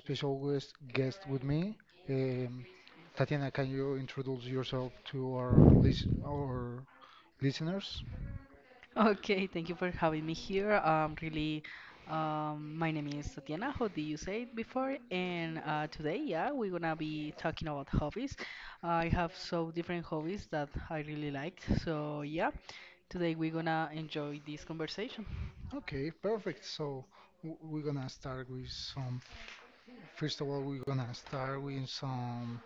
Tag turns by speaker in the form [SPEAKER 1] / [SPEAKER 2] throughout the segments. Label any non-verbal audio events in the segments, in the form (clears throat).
[SPEAKER 1] special guest with me. Um, Tatiana, can you introduce yourself to our listeners?
[SPEAKER 2] Okay, thank you for having me here. My name is Tatiana. How did you say it before? And today, yeah, we're gonna be talking about hobbies. I have so different hobbies that I really like. So yeah, today we're gonna enjoy this conversation.
[SPEAKER 1] Okay, perfect. So we're gonna start with some. First of all, we're gonna start with some.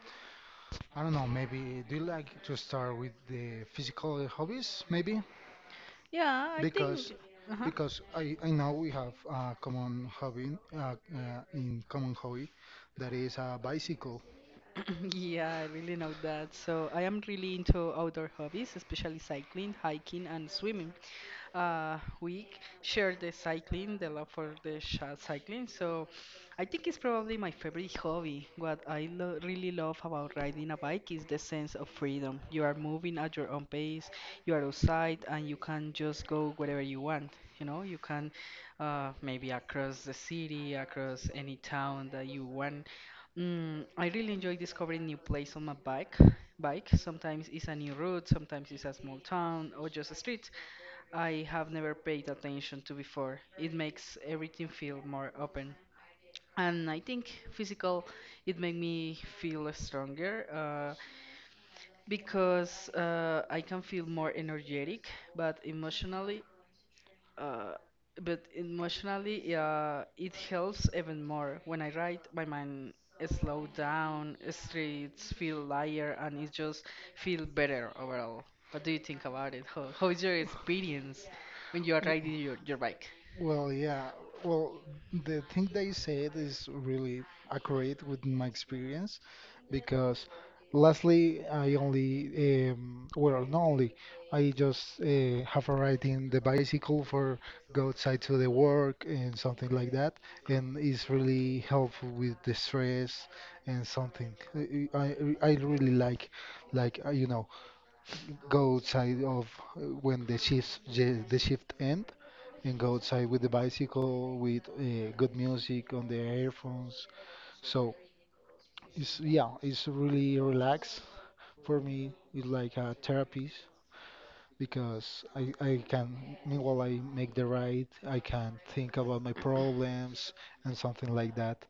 [SPEAKER 1] I don't know, maybe do you like to start with the physical hobbies, maybe?
[SPEAKER 2] Yeah, I
[SPEAKER 1] Because
[SPEAKER 2] think. Uh-huh. (coughs)
[SPEAKER 1] because I know we have a common hobby, in common hobby, that is a bicycle.
[SPEAKER 2] (laughs) Yeah, I really know that. So I am really into outdoor hobbies, especially cycling, hiking, and swimming. Week share the cycling, the love for cycling. So I think it's probably my favorite hobby. What I really love about riding a bike is the sense of freedom. You are moving at your own pace, you are outside, and you can just go wherever you want. You know, you can maybe across the city, across any town that you want. I really enjoy discovering new place on my bike. Bike sometimes it's a new route, sometimes it's a small town or just a street. I have never paid attention to before. It makes everything feel more open. And I think physical, it make me feel stronger because I can feel more energetic, but uh, emotionally, yeah, it helps even more. When I write, my mind slow down, streets feel lighter, and it just feel better overall. What do you think about it? How is your experience when you are riding your bike?
[SPEAKER 1] Well, yeah. Well, the thing they said is really accurate with my experience because lastly, I only, well, not only, I just have a ride in the bicycle for go outside to the work and something like that, and it's really helpful with the stress and something. I really like go outside of when the shift end and go outside with the bicycle with good music on the earphones. So it's yeah, it's really relaxed for me. It's like a therapy because I can meanwhile I make the ride, I can think about my problems and something like that.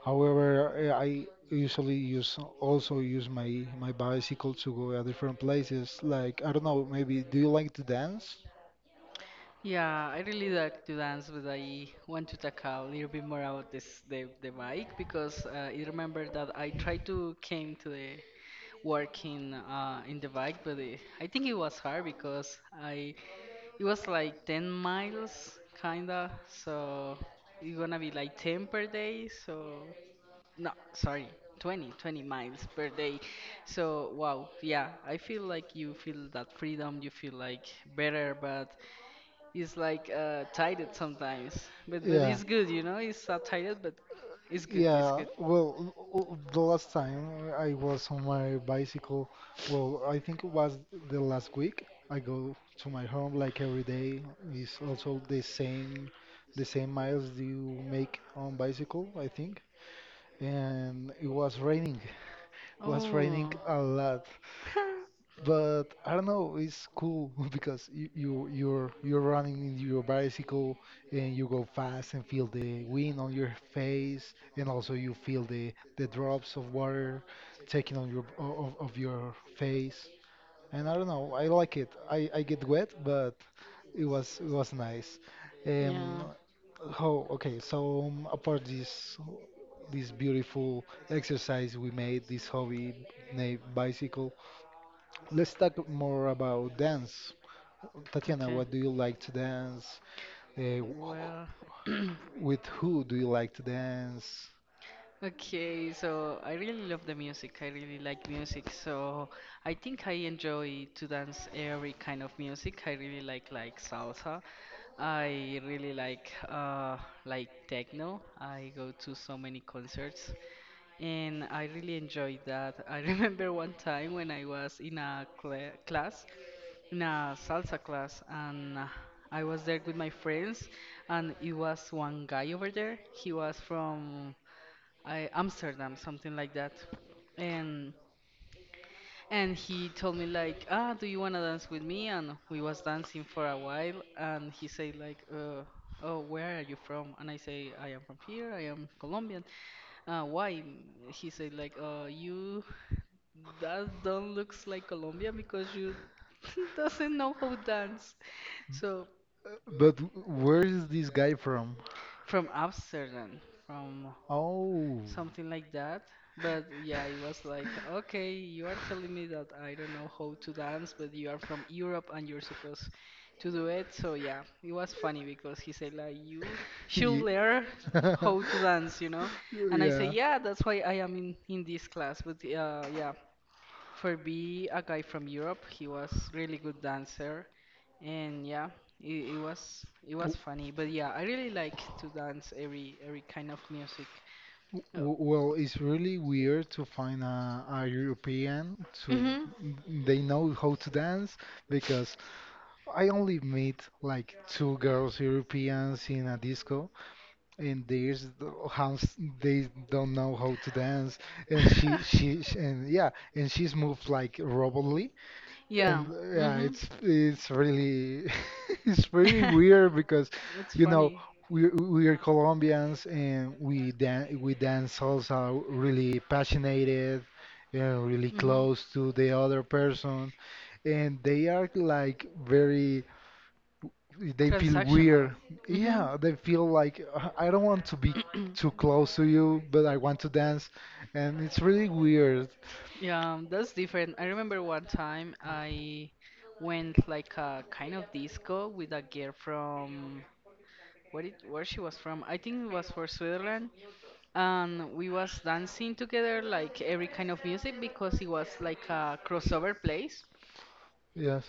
[SPEAKER 1] However, I usually use also use my bicycle to go at different places. Like I don't know, maybe do you like to dance?
[SPEAKER 2] Yeah, I really like to dance, but I want to talk a little bit more about this the bike because I remember that I tried to came to the work in the bike, but I think it was hard because I it was like 10 miles, kinda. So it's gonna be like 10 per day. So no, sorry, 20 miles per day. So wow, yeah, I feel like you feel that freedom. You feel like better, but it's like tired sometimes. But
[SPEAKER 1] Yeah.
[SPEAKER 2] it's good, you know. It's not tired, but it's good. It's
[SPEAKER 1] Yeah,
[SPEAKER 2] good.
[SPEAKER 1] well, the last time I was on my bicycle, well, I think it was the last week. I go to my home like every day. It's also the same miles you make on bicycle, I think. And it was raining. It was raining
[SPEAKER 2] Oh,
[SPEAKER 1] a lot, but I don't know, it's cool (laughs) because you're running in your bicycle and you go fast and feel the wind on your face, and also you feel the drops of water taking on your of your face. And I don't know, I like it. I get wet, but
[SPEAKER 2] (laughs)
[SPEAKER 1] it was nice. Um,
[SPEAKER 2] yeah.
[SPEAKER 1] Oh, okay. So apart this beautiful exercise we made, this hobby named bicycle, let's talk more about dance. Tatiana,
[SPEAKER 2] Okay.
[SPEAKER 1] what do you like to dance? Uh, wh-
[SPEAKER 2] Well,
[SPEAKER 1] with
[SPEAKER 2] (clears throat)
[SPEAKER 1] who do you like to dance?
[SPEAKER 2] okay, so I really love the music. I really like music. So I think I enjoy to dance every kind of music. I really like salsa. I really like techno. I go to so many concerts and I really enjoy that. I (laughs) remember one time when I was in a class in a salsa class and I was there with my friends and it was one guy over there. He was from I Amsterdam, something like that. And and he told me like, "Ah, do you want to dance with me?" And we was dancing for a while and he said like, "Oh, where are you from?" And I say, "I am from here. I am Colombian." Why? He said like, you that don't looks like Colombian because you (laughs) doesn't know how to dance." So
[SPEAKER 1] But where is this guy from?
[SPEAKER 2] from Amsterdam, from
[SPEAKER 1] Oh,
[SPEAKER 2] something like that. But yeah, it was like, okay, you are telling me that I don't know how to dance, but you are from Europe and you're supposed to do it. So yeah, it was funny because he said like, you
[SPEAKER 1] (laughs)
[SPEAKER 2] should
[SPEAKER 1] ye-
[SPEAKER 2] learn
[SPEAKER 1] (laughs)
[SPEAKER 2] how to dance, you know? And I say,
[SPEAKER 1] yeah.
[SPEAKER 2] yeah, that's why I am in this class. But yeah, for be a guy from Europe, he was really good dancer. And yeah, it was
[SPEAKER 1] W-
[SPEAKER 2] funny, but yeah, I really like to dance every kind of music. Uh,
[SPEAKER 1] Well, it's really weird to find a European to
[SPEAKER 2] mhm.
[SPEAKER 1] they know how to dance, because I only meet like two girls Europeans in a disco and there's the- how s- they don't know how to dance, and she
[SPEAKER 2] (laughs)
[SPEAKER 1] and yeah, and she's moved like robot,
[SPEAKER 2] yeah.
[SPEAKER 1] and yeah,
[SPEAKER 2] Mhm.
[SPEAKER 1] it's really (laughs) it's really weird because
[SPEAKER 2] (laughs) it's
[SPEAKER 1] you know
[SPEAKER 2] funny.
[SPEAKER 1] we are Colombians, and we dance salsa really passionate and really
[SPEAKER 2] Mhm.
[SPEAKER 1] close to the other person, and they are like very they feel
[SPEAKER 2] Transactional.
[SPEAKER 1] weird.
[SPEAKER 2] Mhm.
[SPEAKER 1] Yeah, they feel like I don't want to be too close to you, but I want to dance," and it's really weird.
[SPEAKER 2] Yeah, that's different. I remember one time I went like a kind of disco with a girl from what it where she was from. I think it was for Switzerland, and we was dancing together like every kind of music because it was like a crossover place.
[SPEAKER 1] Yes.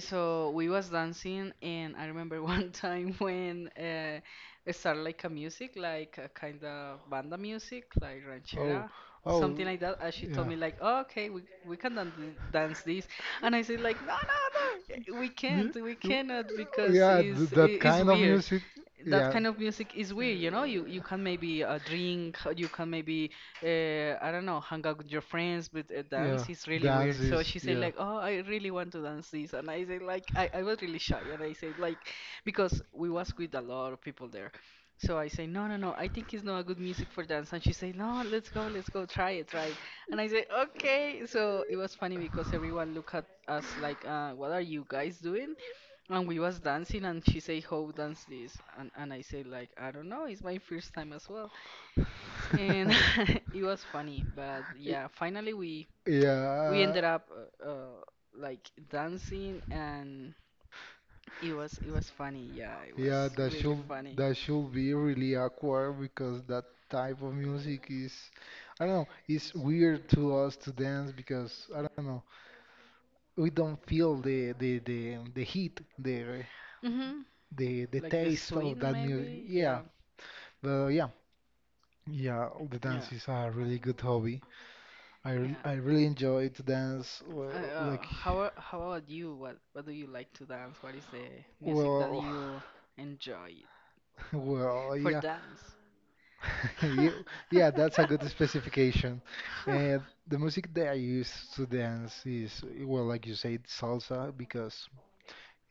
[SPEAKER 2] So we was dancing, and I remember one time (laughs) when it started like a music, like a kind of banda music, like ranchera, something like that.
[SPEAKER 1] Ranchera
[SPEAKER 2] And she told me like, oh, okay, we can dance this, and I said like, no, no, no, eh, we cannot because it's weird
[SPEAKER 1] of
[SPEAKER 2] that
[SPEAKER 1] yeah,
[SPEAKER 2] kind of music is weird, you know. You can maybe drink, you can maybe
[SPEAKER 1] uh,
[SPEAKER 2] I don't know, hang out with your friends, but dance is really weird. So she said like, oh, I
[SPEAKER 1] (laughs)
[SPEAKER 2] really want to dance this, and I said like, I was really shy, and I said like, because we was with a lot of people there, so I say no, I think it's not a good music for dance, and she said no, let's go try it, and I say okay. So it was funny because everyone look at us like, what are you guys doing? And we was dancing and she say, how dance this? And I say like I don't know, it's my first time as well. And
[SPEAKER 1] (laughs)
[SPEAKER 2] (laughs) it was
[SPEAKER 1] (laughs)
[SPEAKER 2] funny, but yeah, finally
[SPEAKER 1] Yeah,
[SPEAKER 2] we ended up uh, uh like dancing and it was funny, yeah, it
[SPEAKER 1] yeah,
[SPEAKER 2] was
[SPEAKER 1] that
[SPEAKER 2] really
[SPEAKER 1] should
[SPEAKER 2] funny.
[SPEAKER 1] that should be really awkward because that type of music is, I don't know, it's weird to us to dance because I don't know, we don't feel the heat, the
[SPEAKER 2] Mm-hmm.
[SPEAKER 1] the the
[SPEAKER 2] Like the
[SPEAKER 1] taste of
[SPEAKER 2] swing
[SPEAKER 1] that music.
[SPEAKER 2] maybe,
[SPEAKER 1] Yeah,
[SPEAKER 2] yeah.
[SPEAKER 1] but yeah, yeah, the
[SPEAKER 2] Yeah.
[SPEAKER 1] dance is a really good hobby. I really
[SPEAKER 2] Yeah.
[SPEAKER 1] enjoy to dance. Well, like,
[SPEAKER 2] How about you? What do you like to dance? What is the music that
[SPEAKER 1] well,
[SPEAKER 2] you enjoy
[SPEAKER 1] (laughs) well,
[SPEAKER 2] for
[SPEAKER 1] yeah.
[SPEAKER 2] dance?
[SPEAKER 1] (laughs) You- yeah,
[SPEAKER 2] (laughs)
[SPEAKER 1] that's a good specification. And the music that I use to dance is, well, like you said, salsa, because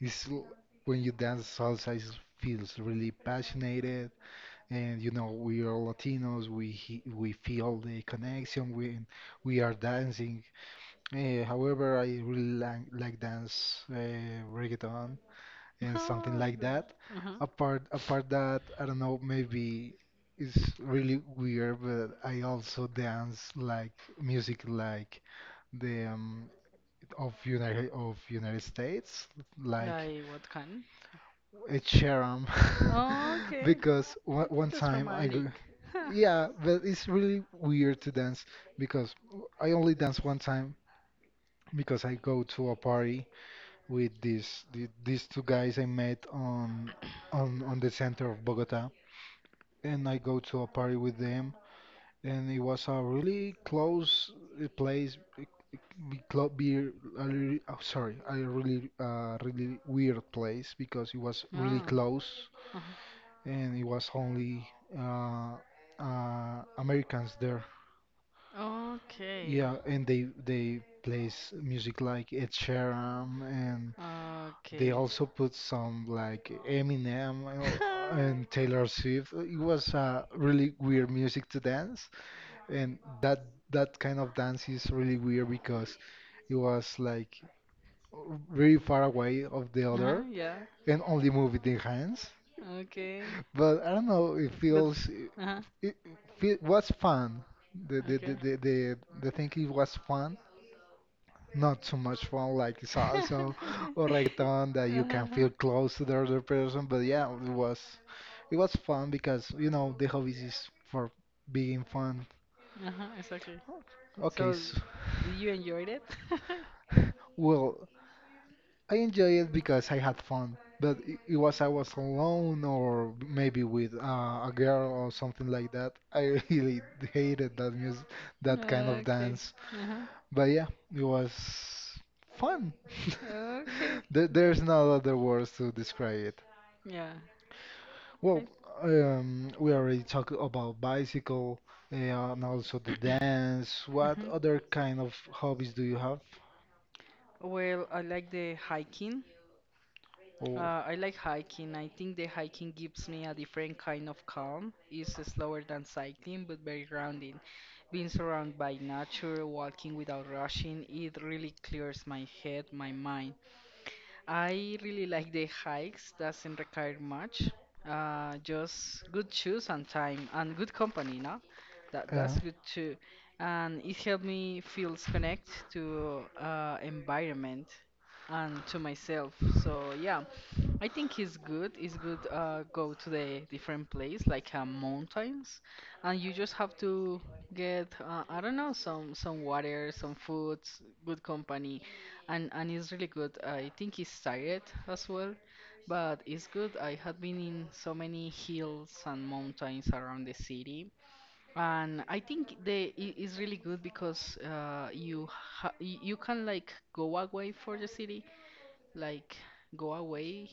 [SPEAKER 1] it's when you dance salsa, it feels really passionate. And you know, we are Latinos, we feel the connection when we are dancing. However, I really like dance reggaeton and something
[SPEAKER 2] Oh,
[SPEAKER 1] like that.
[SPEAKER 2] the- uh-huh.
[SPEAKER 1] Apart that, I don't know, maybe it's really weird, but I also dance like music like the of United States, like
[SPEAKER 2] Like what kind?
[SPEAKER 1] Ed Sheeran,
[SPEAKER 2] Oh,
[SPEAKER 1] (laughs)
[SPEAKER 2] okay.
[SPEAKER 1] because
[SPEAKER 2] I
[SPEAKER 1] one,
[SPEAKER 2] think
[SPEAKER 1] one
[SPEAKER 2] that's
[SPEAKER 1] time I go,
[SPEAKER 2] romantic. Huh.
[SPEAKER 1] yeah, but it's really weird to dance because I only dance one time because I go to a party with these two guys I met on on the center of Bogota, and I go to a party with them, and it was a really close place. Be a really, oh, sorry, a really really weird place because it was really
[SPEAKER 2] Ah.
[SPEAKER 1] close,
[SPEAKER 2] Uh-huh.
[SPEAKER 1] and it was only uh, Americans there.
[SPEAKER 2] Okay.
[SPEAKER 1] Yeah, and they plays music like Ed Sheeran, and they
[SPEAKER 2] Okay.
[SPEAKER 1] also put some like Eminem
[SPEAKER 2] (laughs)
[SPEAKER 1] and Taylor Swift. It was really weird music to dance, and that kind of dance is really weird because it was like very far away of the
[SPEAKER 2] Uh-huh,
[SPEAKER 1] other
[SPEAKER 2] yeah.
[SPEAKER 1] and only moving the hands.
[SPEAKER 2] Okay.
[SPEAKER 1] But I don't know. It
[SPEAKER 2] But
[SPEAKER 1] feels it,
[SPEAKER 2] uh-huh.
[SPEAKER 1] it, it was fun. The the the
[SPEAKER 2] Okay.
[SPEAKER 1] the the the thing it was fun, not so much fun like salsa or
[SPEAKER 2] (laughs)
[SPEAKER 1] reggaeton, that you can
[SPEAKER 2] Uh-huh.
[SPEAKER 1] feel close to the other person. But yeah, it was fun because you know the hobbies is for being fun.
[SPEAKER 2] Uh-huh, exactly.
[SPEAKER 1] Okay,
[SPEAKER 2] So,
[SPEAKER 1] so,
[SPEAKER 2] did you enjoy it?
[SPEAKER 1] (laughs) well, I enjoy it because I had fun. But I- it was I was alone or maybe with a girl or something like that. I (laughs) really hated that music, that kind
[SPEAKER 2] (laughs)
[SPEAKER 1] of
[SPEAKER 2] Okay.
[SPEAKER 1] dance.
[SPEAKER 2] Uh-huh.
[SPEAKER 1] But yeah, it was fun. (laughs)
[SPEAKER 2] Okay. There.
[SPEAKER 1] There's no other words to describe it.
[SPEAKER 2] Yeah.
[SPEAKER 1] Well,
[SPEAKER 2] I-
[SPEAKER 1] we already talked about bicycle and also the
[SPEAKER 2] (coughs)
[SPEAKER 1] dance. What
[SPEAKER 2] Mhm.
[SPEAKER 1] other kind of hobbies do you have?
[SPEAKER 2] Well, I like the hiking.
[SPEAKER 1] Oh,
[SPEAKER 2] I like hiking. I think the hiking gives me a different kind of calm. It's slower than cycling, but very grounding. Being surrounded by nature, walking without rushing, it really clears my head, my mind. I really like the hikes, doesn't require much. Just good shoes and time and good company, no? That
[SPEAKER 1] yeah.
[SPEAKER 2] that's good too. And it helped me feels connect to environment and to myself. So yeah, I think it's good. It's good go to the different place like mountains, and you just have to get I don't know some water, some foods, good company and it's really good. I think it's tired as well, but it's good. I had been in so many hills and mountains around the city, and I think it's really good because you can like go away for the city, like go away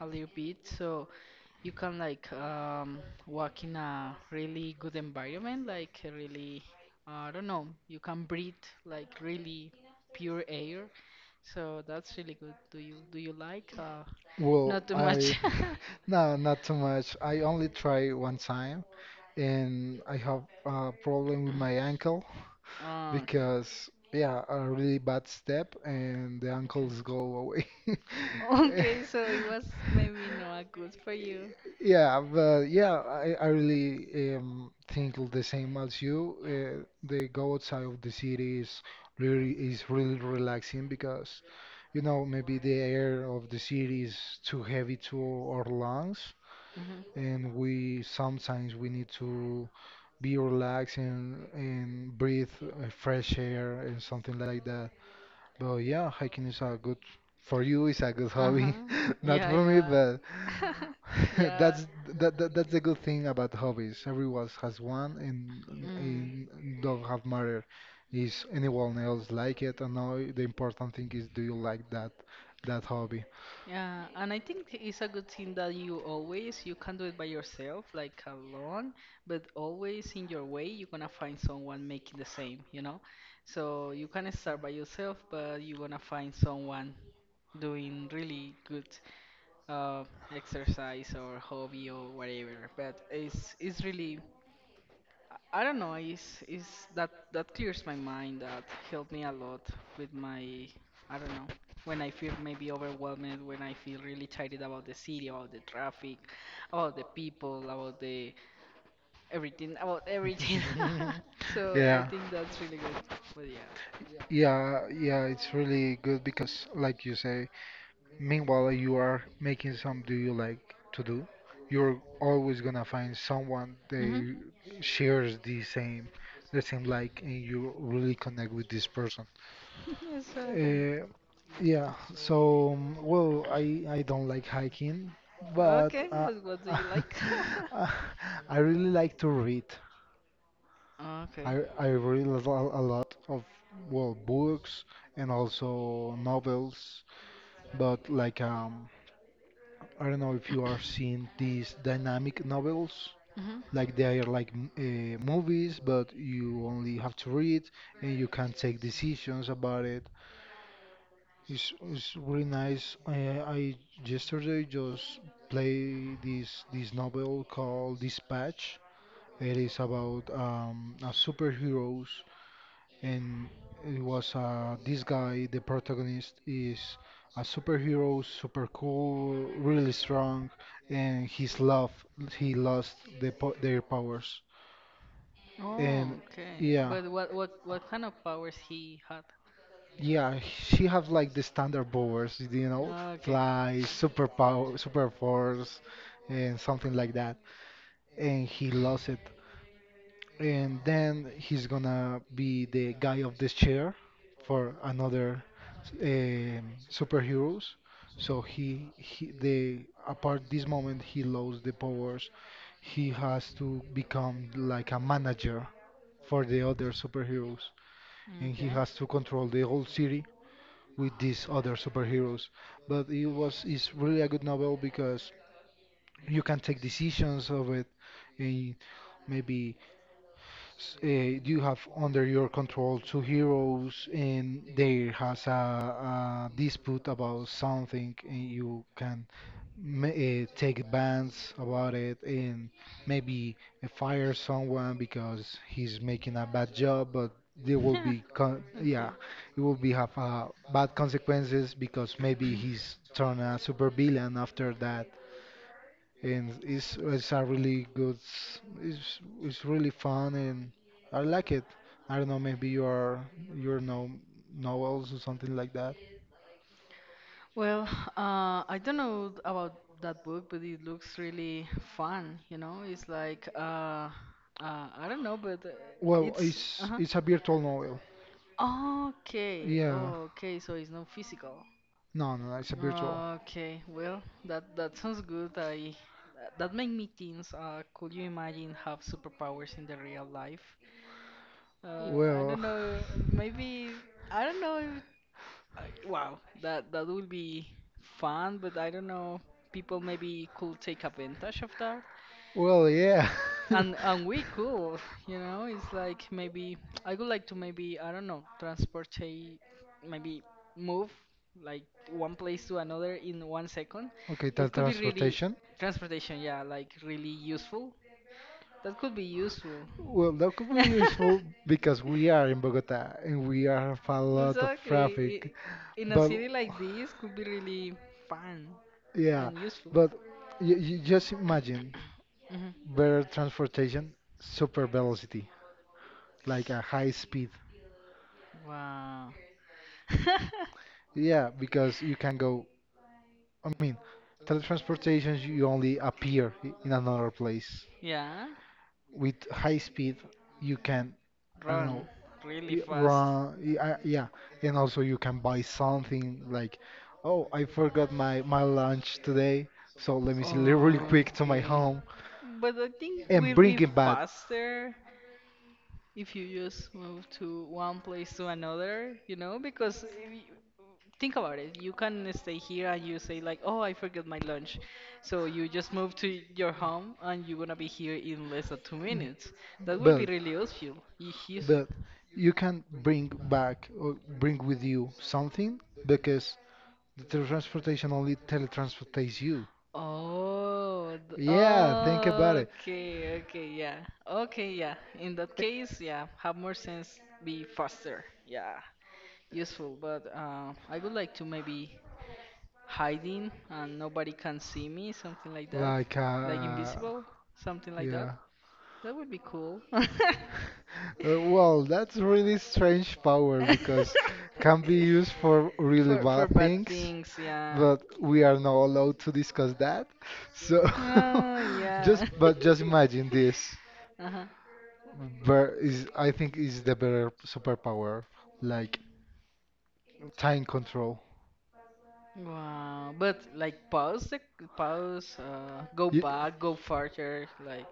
[SPEAKER 2] a little bit, so you can like walk in a really good environment, like a really I don't know, you can breathe like really pure air so that's really good. Do you like?
[SPEAKER 1] Well,
[SPEAKER 2] Not too
[SPEAKER 1] I
[SPEAKER 2] much. (laughs)
[SPEAKER 1] (laughs) no, not too much. I only try one time, and I have a problem with my ankle.
[SPEAKER 2] Oh, okay.
[SPEAKER 1] Because yeah, a really bad step and the ankles go away.
[SPEAKER 2] Okay.
[SPEAKER 1] (laughs)
[SPEAKER 2] Okay, so it was maybe not good for you.
[SPEAKER 1] Yeah, but yeah, I really think the same as you. The go outside of the city is really relaxing because you know maybe the air of the city is too heavy to our lungs,
[SPEAKER 2] Mhm.
[SPEAKER 1] and we sometimes we need to be relaxed and breathe fresh air and something like that. But yeah, hiking is a good for you. It's a good
[SPEAKER 2] Uh huh.
[SPEAKER 1] hobby, (laughs) not
[SPEAKER 2] Yeah,
[SPEAKER 1] for me, but
[SPEAKER 2] (laughs)
[SPEAKER 1] (laughs)
[SPEAKER 2] yeah.
[SPEAKER 1] that's that, that that's the good thing about hobbies. Everyone has one, and,
[SPEAKER 2] Mm.
[SPEAKER 1] and don't have matter is anyone else like it or not. The important thing is, do you like that hobby?
[SPEAKER 2] Yeah, and I think it's a good thing that you can do it by yourself, like alone, but always in your way you're gonna find someone making the same, you know? So you can start by yourself, but you're gonna find someone doing really good uh exercise or hobby or whatever. But it's really I don't know, is that clears my mind, that helped me a lot with my, I don't know, when I feel maybe overwhelmed, when I feel really tired about the city, about the traffic, about the people, about everything. (laughs)
[SPEAKER 1] (laughs)
[SPEAKER 2] So I
[SPEAKER 1] Yeah,
[SPEAKER 2] think that's really good. But yeah.
[SPEAKER 1] yeah, yeah. It's really good because, like you say, meanwhile, you are making some do you like to do. You're always gonna find someone
[SPEAKER 2] hmm
[SPEAKER 1] that shares the same like, and you really connect with this person.
[SPEAKER 2] (laughs) Exactly.
[SPEAKER 1] Uh, yeah, so well, I don't like hiking, but
[SPEAKER 2] Okay, but what do you like? (laughs)
[SPEAKER 1] (laughs) I really like to read.
[SPEAKER 2] Okay.
[SPEAKER 1] I read a lot of well books and also novels, but like I don't know if you are seeing these dynamic novels,
[SPEAKER 2] hmm
[SPEAKER 1] like they are like movies, but you only have to read and you can take decisions about it. It's really nice. I yesterday just play this novel called Dispatch. It is about a superheroes, and it was this guy, the protagonist, is a superhero, super cool, really strong, and his love, he lost their powers,
[SPEAKER 2] Oh,
[SPEAKER 1] and
[SPEAKER 2] okay.
[SPEAKER 1] yeah.
[SPEAKER 2] But what kind of powers he had?
[SPEAKER 1] Yeah, she have like the standard powers, you know,
[SPEAKER 2] Ah, okay.
[SPEAKER 1] fly, super power, super force, and something like that. And he lost it. And then he's gonna be the guy of this chair for another superheroes. So he the apart this moment he lost the powers. He has to become like a manager for the other superheroes, and he
[SPEAKER 2] Okay.
[SPEAKER 1] has to control the whole city with these other superheroes. But it's really a good novel because you can take decisions of it, and maybe uh, you have under your control two heroes, and there has a dispute about something, and you can take bans about it, and maybe fire someone because he's making a bad job, but there
[SPEAKER 2] (laughs)
[SPEAKER 1] will be con
[SPEAKER 2] Yeah.
[SPEAKER 1] yeah,
[SPEAKER 2] Okay.
[SPEAKER 1] it will be have bad consequences because maybe he's turned a super villain after that, and it's a really good s- it's really fun, and I like it. I don't know, maybe your no novels or something like that.
[SPEAKER 2] Well, I don't know about that book, but it looks really fun. You know, it's like I don't know, but
[SPEAKER 1] Well,
[SPEAKER 2] it's
[SPEAKER 1] it's
[SPEAKER 2] uh-huh.
[SPEAKER 1] it's a virtual novel.
[SPEAKER 2] Ah, okay,
[SPEAKER 1] Yeah.
[SPEAKER 2] oh, okay, so it's not physical.
[SPEAKER 1] No, no, no, it's a virtual.
[SPEAKER 2] Ah, okay, well, that that sounds good. I that make me think. Could you imagine have superpowers in the real life? I
[SPEAKER 1] Well,
[SPEAKER 2] don't know. Maybe I don't know. If, I- wow, that that would be fun, but I don't know. People maybe could take advantage of that
[SPEAKER 1] (laughs) well, yeah. (laughs)
[SPEAKER 2] and we could you know it's like maybe I would like to maybe I don't know transport a maybe move like one place to another in 1 second
[SPEAKER 1] Okay, tell
[SPEAKER 2] that could be really
[SPEAKER 1] transportation.
[SPEAKER 2] transportation yeah like really useful that could be useful
[SPEAKER 1] Well, that could be
[SPEAKER 2] (laughs)
[SPEAKER 1] useful because we are in Bogota and we are have a lot of
[SPEAKER 2] exactly
[SPEAKER 1] traffic.
[SPEAKER 2] in a
[SPEAKER 1] But
[SPEAKER 2] city like this could be really fun
[SPEAKER 1] yeah,
[SPEAKER 2] and useful
[SPEAKER 1] but you just imagine
[SPEAKER 2] hmm
[SPEAKER 1] better transportation, super velocity, like a high speed.
[SPEAKER 2] wow (laughs)
[SPEAKER 1] Yeah, because you can go, I mean, teletransportation, you only appear in another place.
[SPEAKER 2] Yeah,
[SPEAKER 1] With high speed, you can, I don't
[SPEAKER 2] run
[SPEAKER 1] know,
[SPEAKER 2] really fast.
[SPEAKER 1] yeah. And also you can buy something like, oh, I forgot my lunch today, so let me really quick to my
[SPEAKER 2] Okay.
[SPEAKER 1] home
[SPEAKER 2] But I think
[SPEAKER 1] and
[SPEAKER 2] we'll
[SPEAKER 1] bring
[SPEAKER 2] be
[SPEAKER 1] it back.
[SPEAKER 2] faster if you just move to one place to another, you know? Because if you- think about it, you can stay here and you say like, "Oh, I forgot my lunch." So you just move to your home and you're gonna be here in less than two
[SPEAKER 1] M-
[SPEAKER 2] minutes. That will be
[SPEAKER 1] But,
[SPEAKER 2] really useful. Useful.
[SPEAKER 1] But you can bring back or bring with you something because the teletransportation only teletransportates you.
[SPEAKER 2] Oh, th-
[SPEAKER 1] Yeah, think about
[SPEAKER 2] oh,
[SPEAKER 1] it.
[SPEAKER 2] okay, okay, yeah. Okay, yeah. In that case, yeah, have more sense, be faster. Yeah, useful. But I would like to maybe hiding and nobody can see me, something like that.
[SPEAKER 1] Like,
[SPEAKER 2] Like
[SPEAKER 1] uh,
[SPEAKER 2] invisible, something like that.
[SPEAKER 1] yeah.
[SPEAKER 2] That would be cool. (laughs)
[SPEAKER 1] That's really strange power because can be used for really
[SPEAKER 2] For
[SPEAKER 1] bad
[SPEAKER 2] bad
[SPEAKER 1] things,
[SPEAKER 2] things, yeah.
[SPEAKER 1] but we are not allowed to discuss that. So
[SPEAKER 2] Oh,
[SPEAKER 1] (laughs)
[SPEAKER 2] yeah.
[SPEAKER 1] just
[SPEAKER 2] (laughs)
[SPEAKER 1] imagine this.
[SPEAKER 2] Uh-huh.
[SPEAKER 1] Ver is I think is the better superpower, like time control.
[SPEAKER 2] Wow, but like pause the pause, go
[SPEAKER 1] You,
[SPEAKER 2] back, go further, like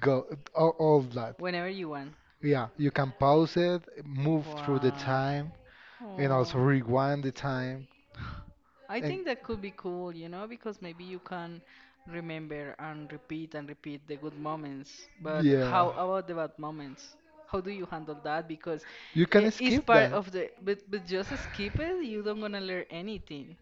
[SPEAKER 1] go all that.
[SPEAKER 2] whenever you want.
[SPEAKER 1] Yeah, you can pause it, move through the
[SPEAKER 2] Wow.
[SPEAKER 1] time, and also
[SPEAKER 2] Oh,
[SPEAKER 1] rewind the time.
[SPEAKER 2] I
[SPEAKER 1] And
[SPEAKER 2] think that could be cool, you know, because maybe you can remember and repeat the good moments. But how
[SPEAKER 1] yeah,
[SPEAKER 2] about the bad moments? How do you handle that? Because
[SPEAKER 1] you can
[SPEAKER 2] it is
[SPEAKER 1] skip
[SPEAKER 2] part
[SPEAKER 1] that.
[SPEAKER 2] of
[SPEAKER 1] (laughs)
[SPEAKER 2] the, but just skip it. You don't gonna learn anything.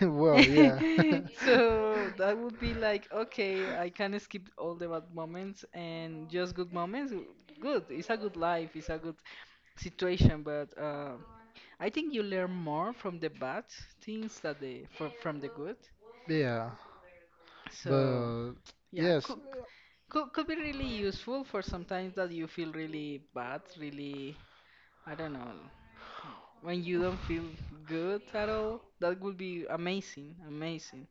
[SPEAKER 1] Well, yeah. (laughs)
[SPEAKER 2] (laughs) So that would be like, okay, I can skip all the bad moments and just good moments. Good, it's a good life. It's a good situation, but I think you learn more from the bad things that the from the good.
[SPEAKER 1] Yeah.
[SPEAKER 2] So
[SPEAKER 1] But
[SPEAKER 2] yeah,
[SPEAKER 1] yes,
[SPEAKER 2] could be really useful for sometimes that you feel really bad, really I don't know when you don't feel good at all. That would be amazing, amazing.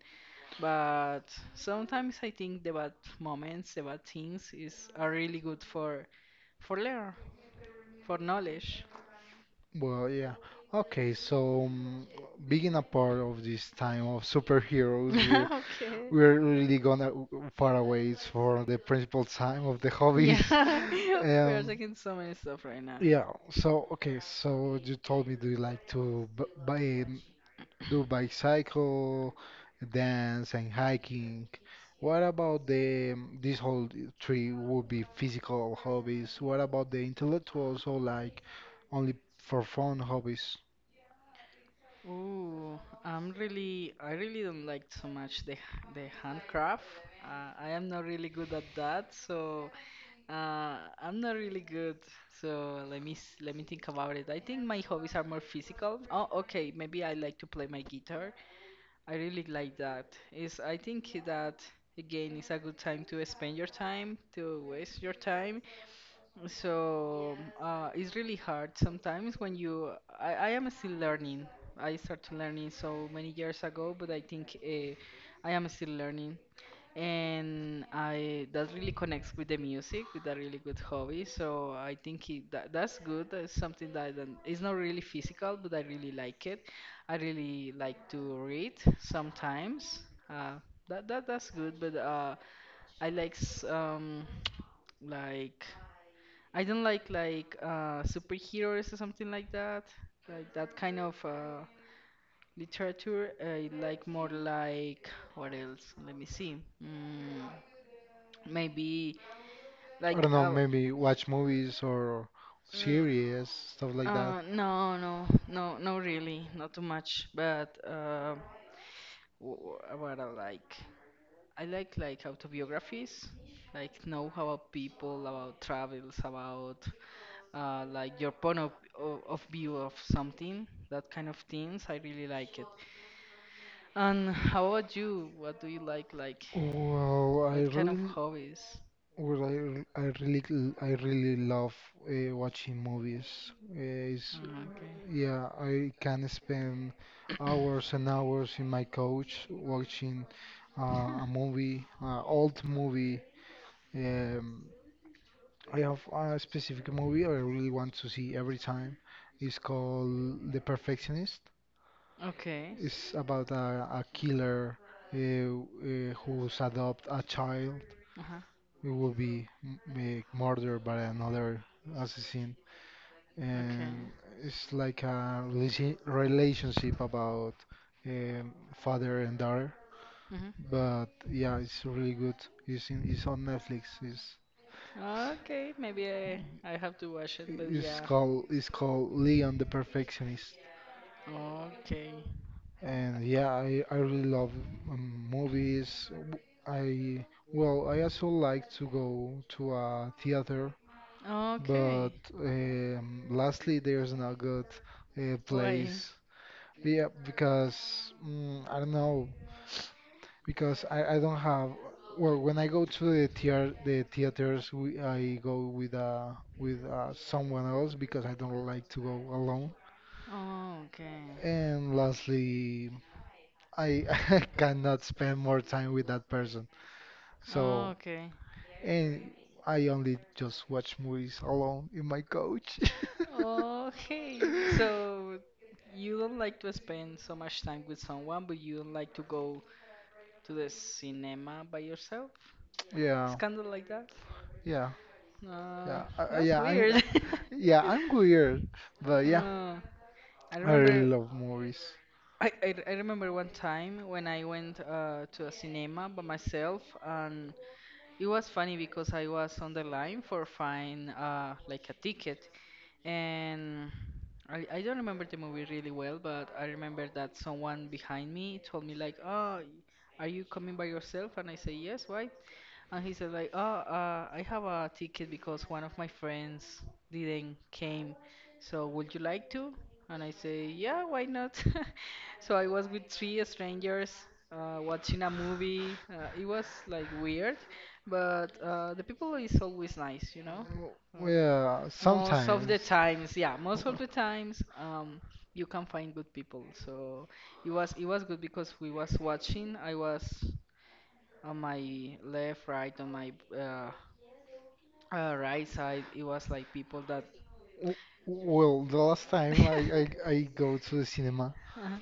[SPEAKER 2] But sometimes I think the bad moments, the bad things is are really good for learn, for knowledge.
[SPEAKER 1] well, yeah. Okay, so being a part of this time of superheroes, we're
[SPEAKER 2] (laughs) Okay.
[SPEAKER 1] we're really gonna far away for the principal time of the hobbies.
[SPEAKER 2] Yeah, (laughs)
[SPEAKER 1] (laughs)
[SPEAKER 2] we are
[SPEAKER 1] Um,
[SPEAKER 2] taking so many stuff right now.
[SPEAKER 1] Yeah. So okay. So you told me, do you like to b buy, do bicycle, dance, and hiking? What about the this whole three would be physical hobbies? What about the intellectuals or like only for fun hobbies?
[SPEAKER 2] Ooh, I really don't like so much the handcraft. I am not really good at that, so I'm not really good. So let me think about it. I think my hobbies are more physical. Oh, okay, maybe I like to play my guitar. I really like that. Is I think that again is a good time to spend your time, to waste your time. So it's really hard sometimes when you. I am still learning. I started learning so many years ago, but I think I am still learning and I that really connects with the music with a really good hobby. So I think it, that's good. That's something that I don't- it's not really physical, but I really like it. I really like to read sometimes. Uh, that's good. But I like (tsk) like I don't like superheroes or something like that. Like that kind of literature. I like more like what else? Let me see. Mm. Maybe
[SPEAKER 1] I
[SPEAKER 2] like
[SPEAKER 1] don't know. Maybe watch movies or
[SPEAKER 2] mm,
[SPEAKER 1] series, stuff like that.
[SPEAKER 2] no no no no really not too much but what I like I like autobiographies like know about people about travels about like your point of view of something that kind of things I really like it and how about you what do you like
[SPEAKER 1] Well, I
[SPEAKER 2] what kind of
[SPEAKER 1] really
[SPEAKER 2] hobbies.
[SPEAKER 1] Well, I, r- I really l- I really love watching movies. Uh, it's,
[SPEAKER 2] Mm, okay.
[SPEAKER 1] yeah, I can spend hours and hours in my couch watching a movie, old movie. Um, I have a specific movie I really want to see every time. It's called The Perfectionist.
[SPEAKER 2] (laughs) Okay.
[SPEAKER 1] It's about a killer who's adopt a child
[SPEAKER 2] Uh huh.
[SPEAKER 1] we will be murdered by another assassin,
[SPEAKER 2] Okay.
[SPEAKER 1] and it's like a relationship about um, father and daughter.
[SPEAKER 2] Mhm.
[SPEAKER 1] But yeah, it's really good. It's it's on Netflix. It's
[SPEAKER 2] Okay, maybe I have to watch it, but yeah.
[SPEAKER 1] it's called Leon The Perfectionist.
[SPEAKER 2] Okay.
[SPEAKER 1] And yeah, I really love movies. W- I Well, I also like to go to a theater.
[SPEAKER 2] Okay.
[SPEAKER 1] But lastly, there's no good place.
[SPEAKER 2] Why?
[SPEAKER 1] Yeah, because I don't know. Because I don't have. Well, when I go to the theater, I go with someone else because I don't like to go alone.
[SPEAKER 2] Oh, okay.
[SPEAKER 1] And lastly, I (laughs) cannot spend more time with that person. So,
[SPEAKER 2] Okay.
[SPEAKER 1] and I only just watch movies alone in my couch.
[SPEAKER 2] Okay,
[SPEAKER 1] (laughs)
[SPEAKER 2] so you don't like to spend so much time with someone, but you don't like to go to the cinema by yourself? It's
[SPEAKER 1] Yeah.
[SPEAKER 2] kind of like that.
[SPEAKER 1] Yeah.
[SPEAKER 2] Uh,
[SPEAKER 1] Yeah.
[SPEAKER 2] that's weird. (laughs)
[SPEAKER 1] Yeah. I'm weird. But yeah,
[SPEAKER 2] Uh, I
[SPEAKER 1] I really
[SPEAKER 2] remember
[SPEAKER 1] love movies.
[SPEAKER 2] I remember one time when I went to a cinema by myself, and it was funny because I was on the line for find like a ticket, and I don't remember the movie really well, but I remember that someone behind me told me like, "Oh, are you coming by yourself?" And I say, "Yes, why?" And he said like, "Oh, I have a ticket because one of my friends didn't came. So would you like to?" And I say, "Yeah, why not?" (laughs) So I was with three strangers watching a movie. It was like weird, but the people is always nice, you know.
[SPEAKER 1] Mm, Yeah.
[SPEAKER 2] Most of the
[SPEAKER 1] Sometimes.
[SPEAKER 2] times, yeah, most of
[SPEAKER 1] W-
[SPEAKER 2] the times, you can find good people. So it was good because we was watching. I was on my left, right, on my right side, it was like people that.
[SPEAKER 1] w- Well, the last time
[SPEAKER 2] (laughs)
[SPEAKER 1] I go to the cinema,
[SPEAKER 2] Uh-huh.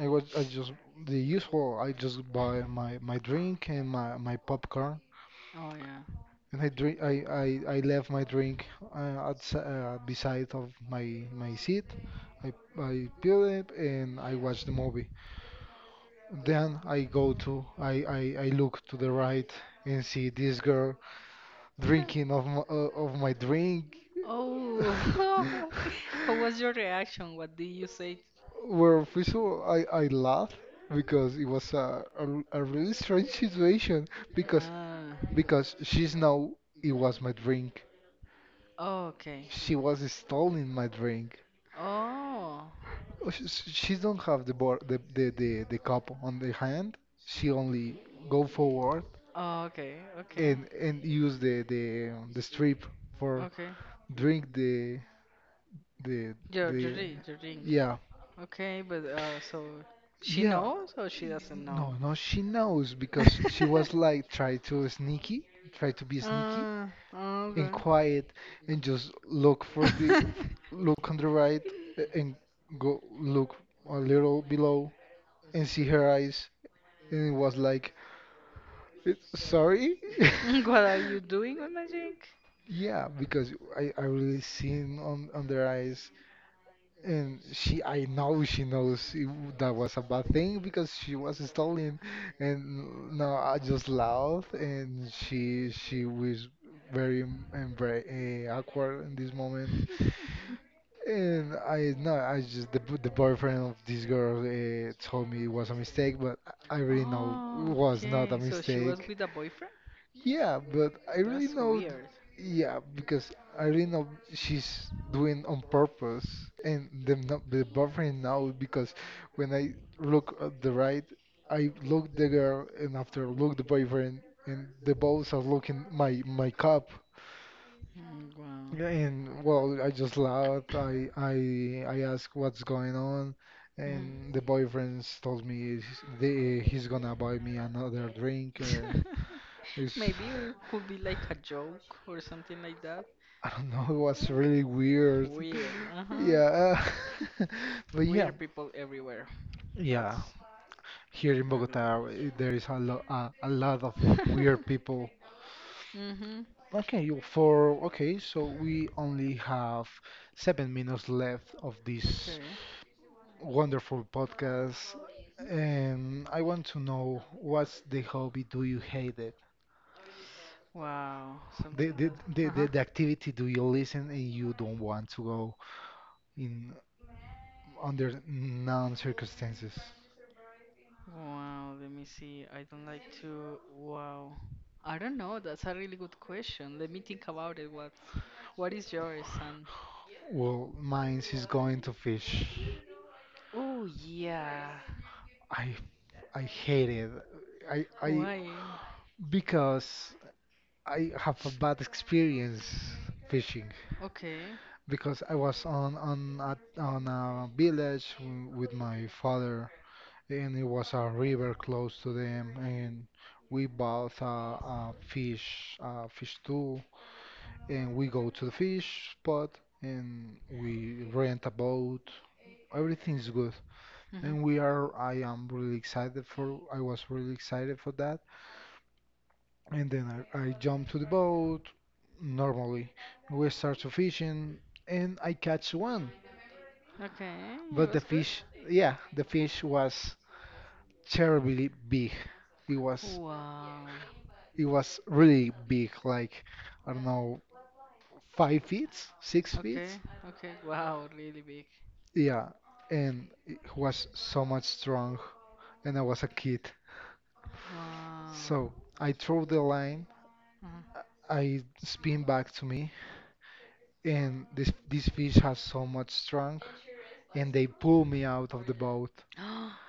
[SPEAKER 1] I just the usual. I just buy my drink and my popcorn.
[SPEAKER 2] Oh yeah.
[SPEAKER 1] And I drink. I left my drink beside of my seat. I I peeled it and I watched the movie. Then I go to I look to the right and see this girl drinking of my
[SPEAKER 2] (laughs)
[SPEAKER 1] drink.
[SPEAKER 2] Oh,
[SPEAKER 1] (laughs)
[SPEAKER 2] (laughs) what was your reaction? What did you say?
[SPEAKER 1] Well, first of all, I laugh because it was a really strange situation, because
[SPEAKER 2] Ah.
[SPEAKER 1] because she's now it was my drink.
[SPEAKER 2] Oh, okay.
[SPEAKER 1] She was stealing my drink.
[SPEAKER 2] Oh.
[SPEAKER 1] Oh, she don't have the board, the cup on the hand. She only go forward
[SPEAKER 2] Oh, okay, okay.
[SPEAKER 1] and use the strip for
[SPEAKER 2] Okay.
[SPEAKER 1] drink the
[SPEAKER 2] Your
[SPEAKER 1] the
[SPEAKER 2] ring, your ring.
[SPEAKER 1] yeah
[SPEAKER 2] Okay, but so she
[SPEAKER 1] yeah
[SPEAKER 2] knows or she
[SPEAKER 1] y-
[SPEAKER 2] doesn't
[SPEAKER 1] no
[SPEAKER 2] know?
[SPEAKER 1] no she knows, because she was
[SPEAKER 2] (laughs)
[SPEAKER 1] like try to sneaky, try to be sneaky
[SPEAKER 2] Oh,
[SPEAKER 1] and
[SPEAKER 2] okay.
[SPEAKER 1] quiet
[SPEAKER 2] (laughs)
[SPEAKER 1] and just look for look on the right, and go look a little below and see her eyes, and it was like, "Eh, sorry?" (laughs)
[SPEAKER 2] Mm, what are you doing with my drink?
[SPEAKER 1] Yeah, because I really seen on their eyes, and she I know she knows it, that was a bad thing because she was stolen. And now I just laughed, and she was very em- embra awkward in this moment.
[SPEAKER 2] (laughs)
[SPEAKER 1] And I no I just the boyfriend of this girl told me it was a mistake, but I really know it
[SPEAKER 2] Oh,
[SPEAKER 1] was not a
[SPEAKER 2] okay. So she was
[SPEAKER 1] mistake.
[SPEAKER 2] with a boyfriend?
[SPEAKER 1] Yeah, but I really
[SPEAKER 2] That's
[SPEAKER 1] know,
[SPEAKER 2] weird.
[SPEAKER 1] yeah, because I really know she's doing on purpose. And the no- the boyfriend now, because when I look at the right, I look the girl, and after look the boyfriend, and the both are looking my cup.
[SPEAKER 2] Mm, wow.
[SPEAKER 1] Yeah, and well, I just laughed. I asked what's going on,
[SPEAKER 2] Mhm.
[SPEAKER 1] and the boyfriend told me he's gonna buy me another drink, and
[SPEAKER 2] (laughs)
[SPEAKER 1] it's.
[SPEAKER 2] Maybe it could be like a joke or something like that.
[SPEAKER 1] (laughs) I don't know, it was really
[SPEAKER 2] Eh,
[SPEAKER 1] weird. (laughs)
[SPEAKER 2] weird. Uh huh.
[SPEAKER 1] Yeah. uh, (laughs) But yeah,
[SPEAKER 2] Weird people everywhere.
[SPEAKER 1] yeah.
[SPEAKER 2] That's
[SPEAKER 1] Here in
[SPEAKER 2] really weird.
[SPEAKER 1] Bogota, there is a lot of weird
[SPEAKER 2] (laughs)
[SPEAKER 1] people.
[SPEAKER 2] Mhm.
[SPEAKER 1] Okay, so we only have 7 minutes left of this
[SPEAKER 2] Okay.
[SPEAKER 1] wonderful podcast, and I want to know, what's the hobby do you hate it?
[SPEAKER 2] Wow. Something that. Uh huh.
[SPEAKER 1] The activity do you listen and you don't want to go in under non circumstances.
[SPEAKER 2] Wow, let me see. I don't like to. Wow. I don't know. That's a really good question. Let me think about it. What is yours, son?
[SPEAKER 1] Well, mine is going to fish.
[SPEAKER 2] Oh, yeah.
[SPEAKER 1] I I hate it. I
[SPEAKER 2] Why?
[SPEAKER 1] because I have a bad experience fishing,
[SPEAKER 2] Okay.
[SPEAKER 1] because I was on on a village with my father, and it was a river close to them, and we bought a fish, a fish too, and we go to the fish spot and we rent a boat. Everything's good.
[SPEAKER 2] Hmm.
[SPEAKER 1] And I am really excited for, I was really excited for that. And then I jump to the boat. Normally, we start to fishing and I catch one.
[SPEAKER 2] Okay, it
[SPEAKER 1] But the
[SPEAKER 2] was good.
[SPEAKER 1] fish, yeah, the fish was terribly big. It was,
[SPEAKER 2] Wow.
[SPEAKER 1] it was really big, like, I don't know, 5 feet, six
[SPEAKER 2] Okay,
[SPEAKER 1] feet.
[SPEAKER 2] okay. Wow, really big.
[SPEAKER 1] Yeah, and it was so much strong, and I was a kid.
[SPEAKER 2] Wow.
[SPEAKER 1] So I throw the line,
[SPEAKER 2] Uh-huh.
[SPEAKER 1] uh, I spin back to me, and this fish has so much strength, and they pull me out of the boat.
[SPEAKER 2] (gasps)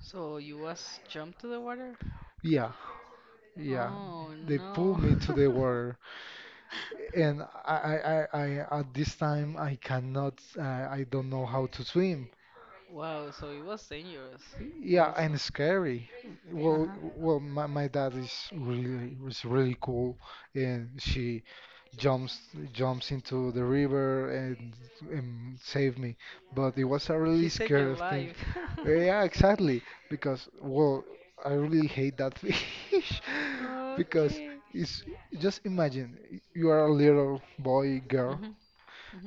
[SPEAKER 2] So you was jumped to the water?
[SPEAKER 1] Yeah, yeah,
[SPEAKER 2] Oh
[SPEAKER 1] they pull
[SPEAKER 2] no.
[SPEAKER 1] me to the
[SPEAKER 2] (laughs)
[SPEAKER 1] water, and I at this time I cannot, I don't know how to swim.
[SPEAKER 2] Wow, so it was dangerous
[SPEAKER 1] Yeah,
[SPEAKER 2] also.
[SPEAKER 1] and scary.
[SPEAKER 2] Uh-huh.
[SPEAKER 1] My dad is really was really cool, and she jumps jumps into the river and saved me. But it was a
[SPEAKER 2] He
[SPEAKER 1] really
[SPEAKER 2] saved your
[SPEAKER 1] scary thing.
[SPEAKER 2] life.
[SPEAKER 1] Yeah,
[SPEAKER 2] (laughs)
[SPEAKER 1] exactly. Because well, I really hate that fish (laughs) because
[SPEAKER 2] Okay.
[SPEAKER 1] it's just imagine you are a little boy girl
[SPEAKER 2] Mhm,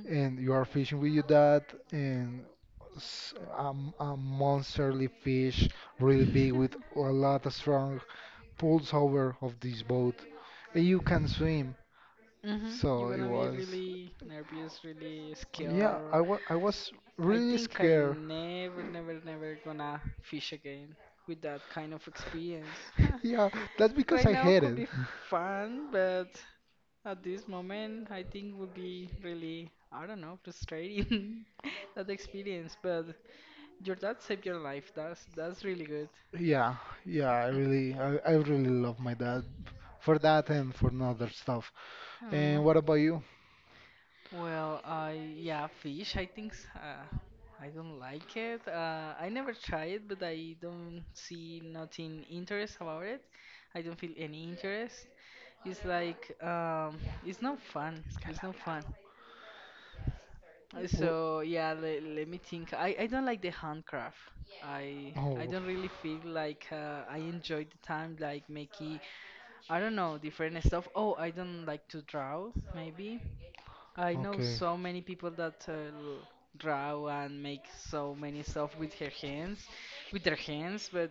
[SPEAKER 1] and you are fishing with your dad, and a monsterly fish really big
[SPEAKER 2] mhm. (laughs)
[SPEAKER 1] with a lot of strong pulls over of this boat, and you can swim.
[SPEAKER 2] Hmm. You're
[SPEAKER 1] So it
[SPEAKER 2] gonna be
[SPEAKER 1] was,
[SPEAKER 2] really nervous, really
[SPEAKER 1] yeah,
[SPEAKER 2] scared.
[SPEAKER 1] I was
[SPEAKER 2] I
[SPEAKER 1] really
[SPEAKER 2] think I
[SPEAKER 1] scared.
[SPEAKER 2] never, never, never gonna fish again with that kind of experience. (laughs)
[SPEAKER 1] (laughs) Yeah, that's because
[SPEAKER 2] Right
[SPEAKER 1] I
[SPEAKER 2] now
[SPEAKER 1] hate
[SPEAKER 2] could
[SPEAKER 1] it.
[SPEAKER 2] be fun, but at this moment, I think would be really, I don't know, frustrating (laughs) that experience. But your dad saved your life. That's really good.
[SPEAKER 1] (laughs) Yeah, yeah, I really I really love my dad for that and for other stuff.
[SPEAKER 2] Aw.
[SPEAKER 1] And what about you?
[SPEAKER 2] Well, I yeah, fish. I think I don't like it. I never tried it, but I don't see nothing interest about it. I don't feel any interest. It's like it's not fun. It's not fun.
[SPEAKER 1] Wh-
[SPEAKER 2] So yeah, le let me think. I don't like the handcraft. I
[SPEAKER 1] Oh,
[SPEAKER 2] don't really feel like I enjoy the time like making I don't know different stuff. Oh, I don't like to draw maybe. I know
[SPEAKER 1] okay.
[SPEAKER 2] so many people that draw and make so many stuff with her hands, with their hands, but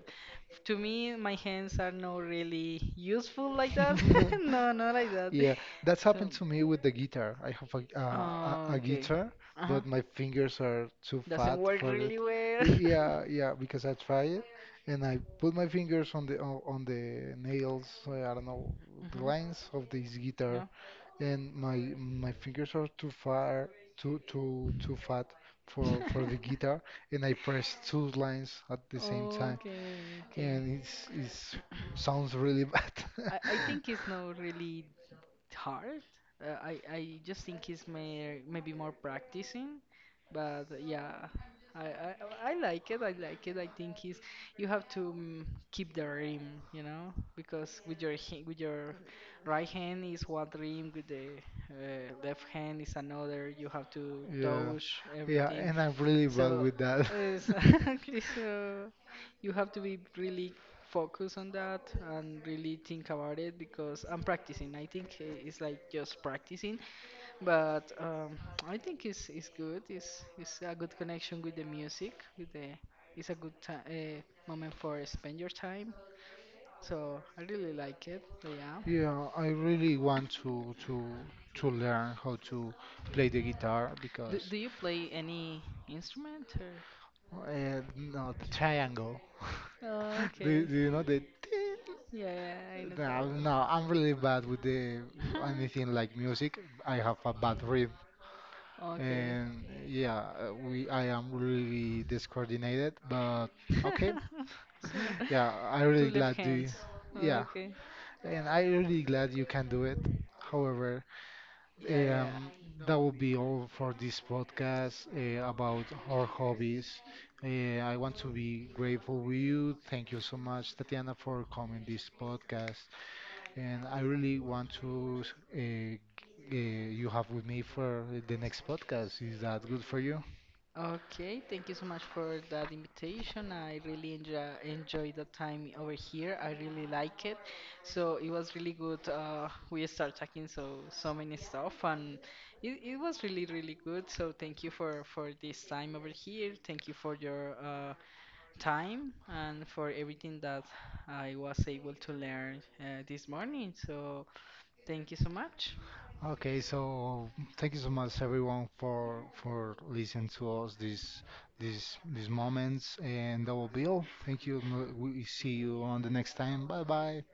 [SPEAKER 2] to me, my hands are not really useful like that. (laughs) No,
[SPEAKER 1] (laughs)
[SPEAKER 2] not like that.
[SPEAKER 1] Yeah, that's
[SPEAKER 2] So,
[SPEAKER 1] happened to me with the guitar. I have
[SPEAKER 2] oh,
[SPEAKER 1] a
[SPEAKER 2] okay.
[SPEAKER 1] guitar,
[SPEAKER 2] Uh-huh.
[SPEAKER 1] but my fingers are too
[SPEAKER 2] Doesn't
[SPEAKER 1] fat
[SPEAKER 2] work
[SPEAKER 1] for it.
[SPEAKER 2] really well.
[SPEAKER 1] Yeah,
[SPEAKER 2] (laughs)
[SPEAKER 1] yeah, because I tried it and I put my fingers on on the nails, I don't know, the
[SPEAKER 2] Hmm.
[SPEAKER 1] lines of this guitar,
[SPEAKER 2] No.
[SPEAKER 1] and my fingers are too far too too too fat for the
[SPEAKER 2] (laughs)
[SPEAKER 1] guitar, and I press two lines at the same time
[SPEAKER 2] Okay, okay.
[SPEAKER 1] and it's sounds really bad.
[SPEAKER 2] I
[SPEAKER 1] (laughs)
[SPEAKER 2] think it's not really hard. I just think it's maybe more practicing, but yeah, I, I I like it. I like it. I think it's you have to mm, keep the rim, you know, because with your with your right hand is one rim, with the left hand is another. You have to
[SPEAKER 1] Yeah,
[SPEAKER 2] touch
[SPEAKER 1] yeah,
[SPEAKER 2] everything.
[SPEAKER 1] and I'm really bad
[SPEAKER 2] So,
[SPEAKER 1] with that.
[SPEAKER 2] exactly. (laughs) So you have to be really focus on that and really think about it because I'm practicing. I think it's like just practicing, but I think it's good. It's a good connection with the music. With the it's a good time, moment for spend your time.
[SPEAKER 1] (laughs)
[SPEAKER 2] So I really like it. But yeah,
[SPEAKER 1] Yeah, I really want to learn how to play the guitar, because
[SPEAKER 2] do you play any instrument or?
[SPEAKER 1] no, the triangle.
[SPEAKER 2] Oh,
[SPEAKER 1] (laughs)
[SPEAKER 2] okay.
[SPEAKER 1] Do you know the?
[SPEAKER 2] Yeah, yeah, I know that
[SPEAKER 1] No,
[SPEAKER 2] one. (laughs)
[SPEAKER 1] no, I'm really bad with the anything like music. I have a bad rhythm,
[SPEAKER 2] Okay.
[SPEAKER 1] and yeah, we I am really discoordinated. But okay,
[SPEAKER 2] (laughs) So,
[SPEAKER 1] (laughs) yeah, I
[SPEAKER 2] two
[SPEAKER 1] really
[SPEAKER 2] left
[SPEAKER 1] glad you.
[SPEAKER 2] hands.
[SPEAKER 1] Yeah,
[SPEAKER 2] Okay.
[SPEAKER 1] and I really glad you can do it. However,
[SPEAKER 2] Yeah, yeah.
[SPEAKER 1] um, that will be all for this podcast about our hobbies. I want to be grateful with you. Thank you so much, Tatiana, for coming this podcast, and I really want to you have with me for the next podcast. Is that good for you?
[SPEAKER 2] Okay, thank you so much for that invitation. I really enjoyed the time over here. I really like it. So it was really good. We start talking so many stuff, and it was really really good. So thank you for this time over here. Thank you for your time and for everything that I was able to learn this morning. So thank you so much.
[SPEAKER 1] Okay, so thank you so much everyone for listening to us this these moments, and that will be all. Thank you. And we see you on the next time. Bye bye.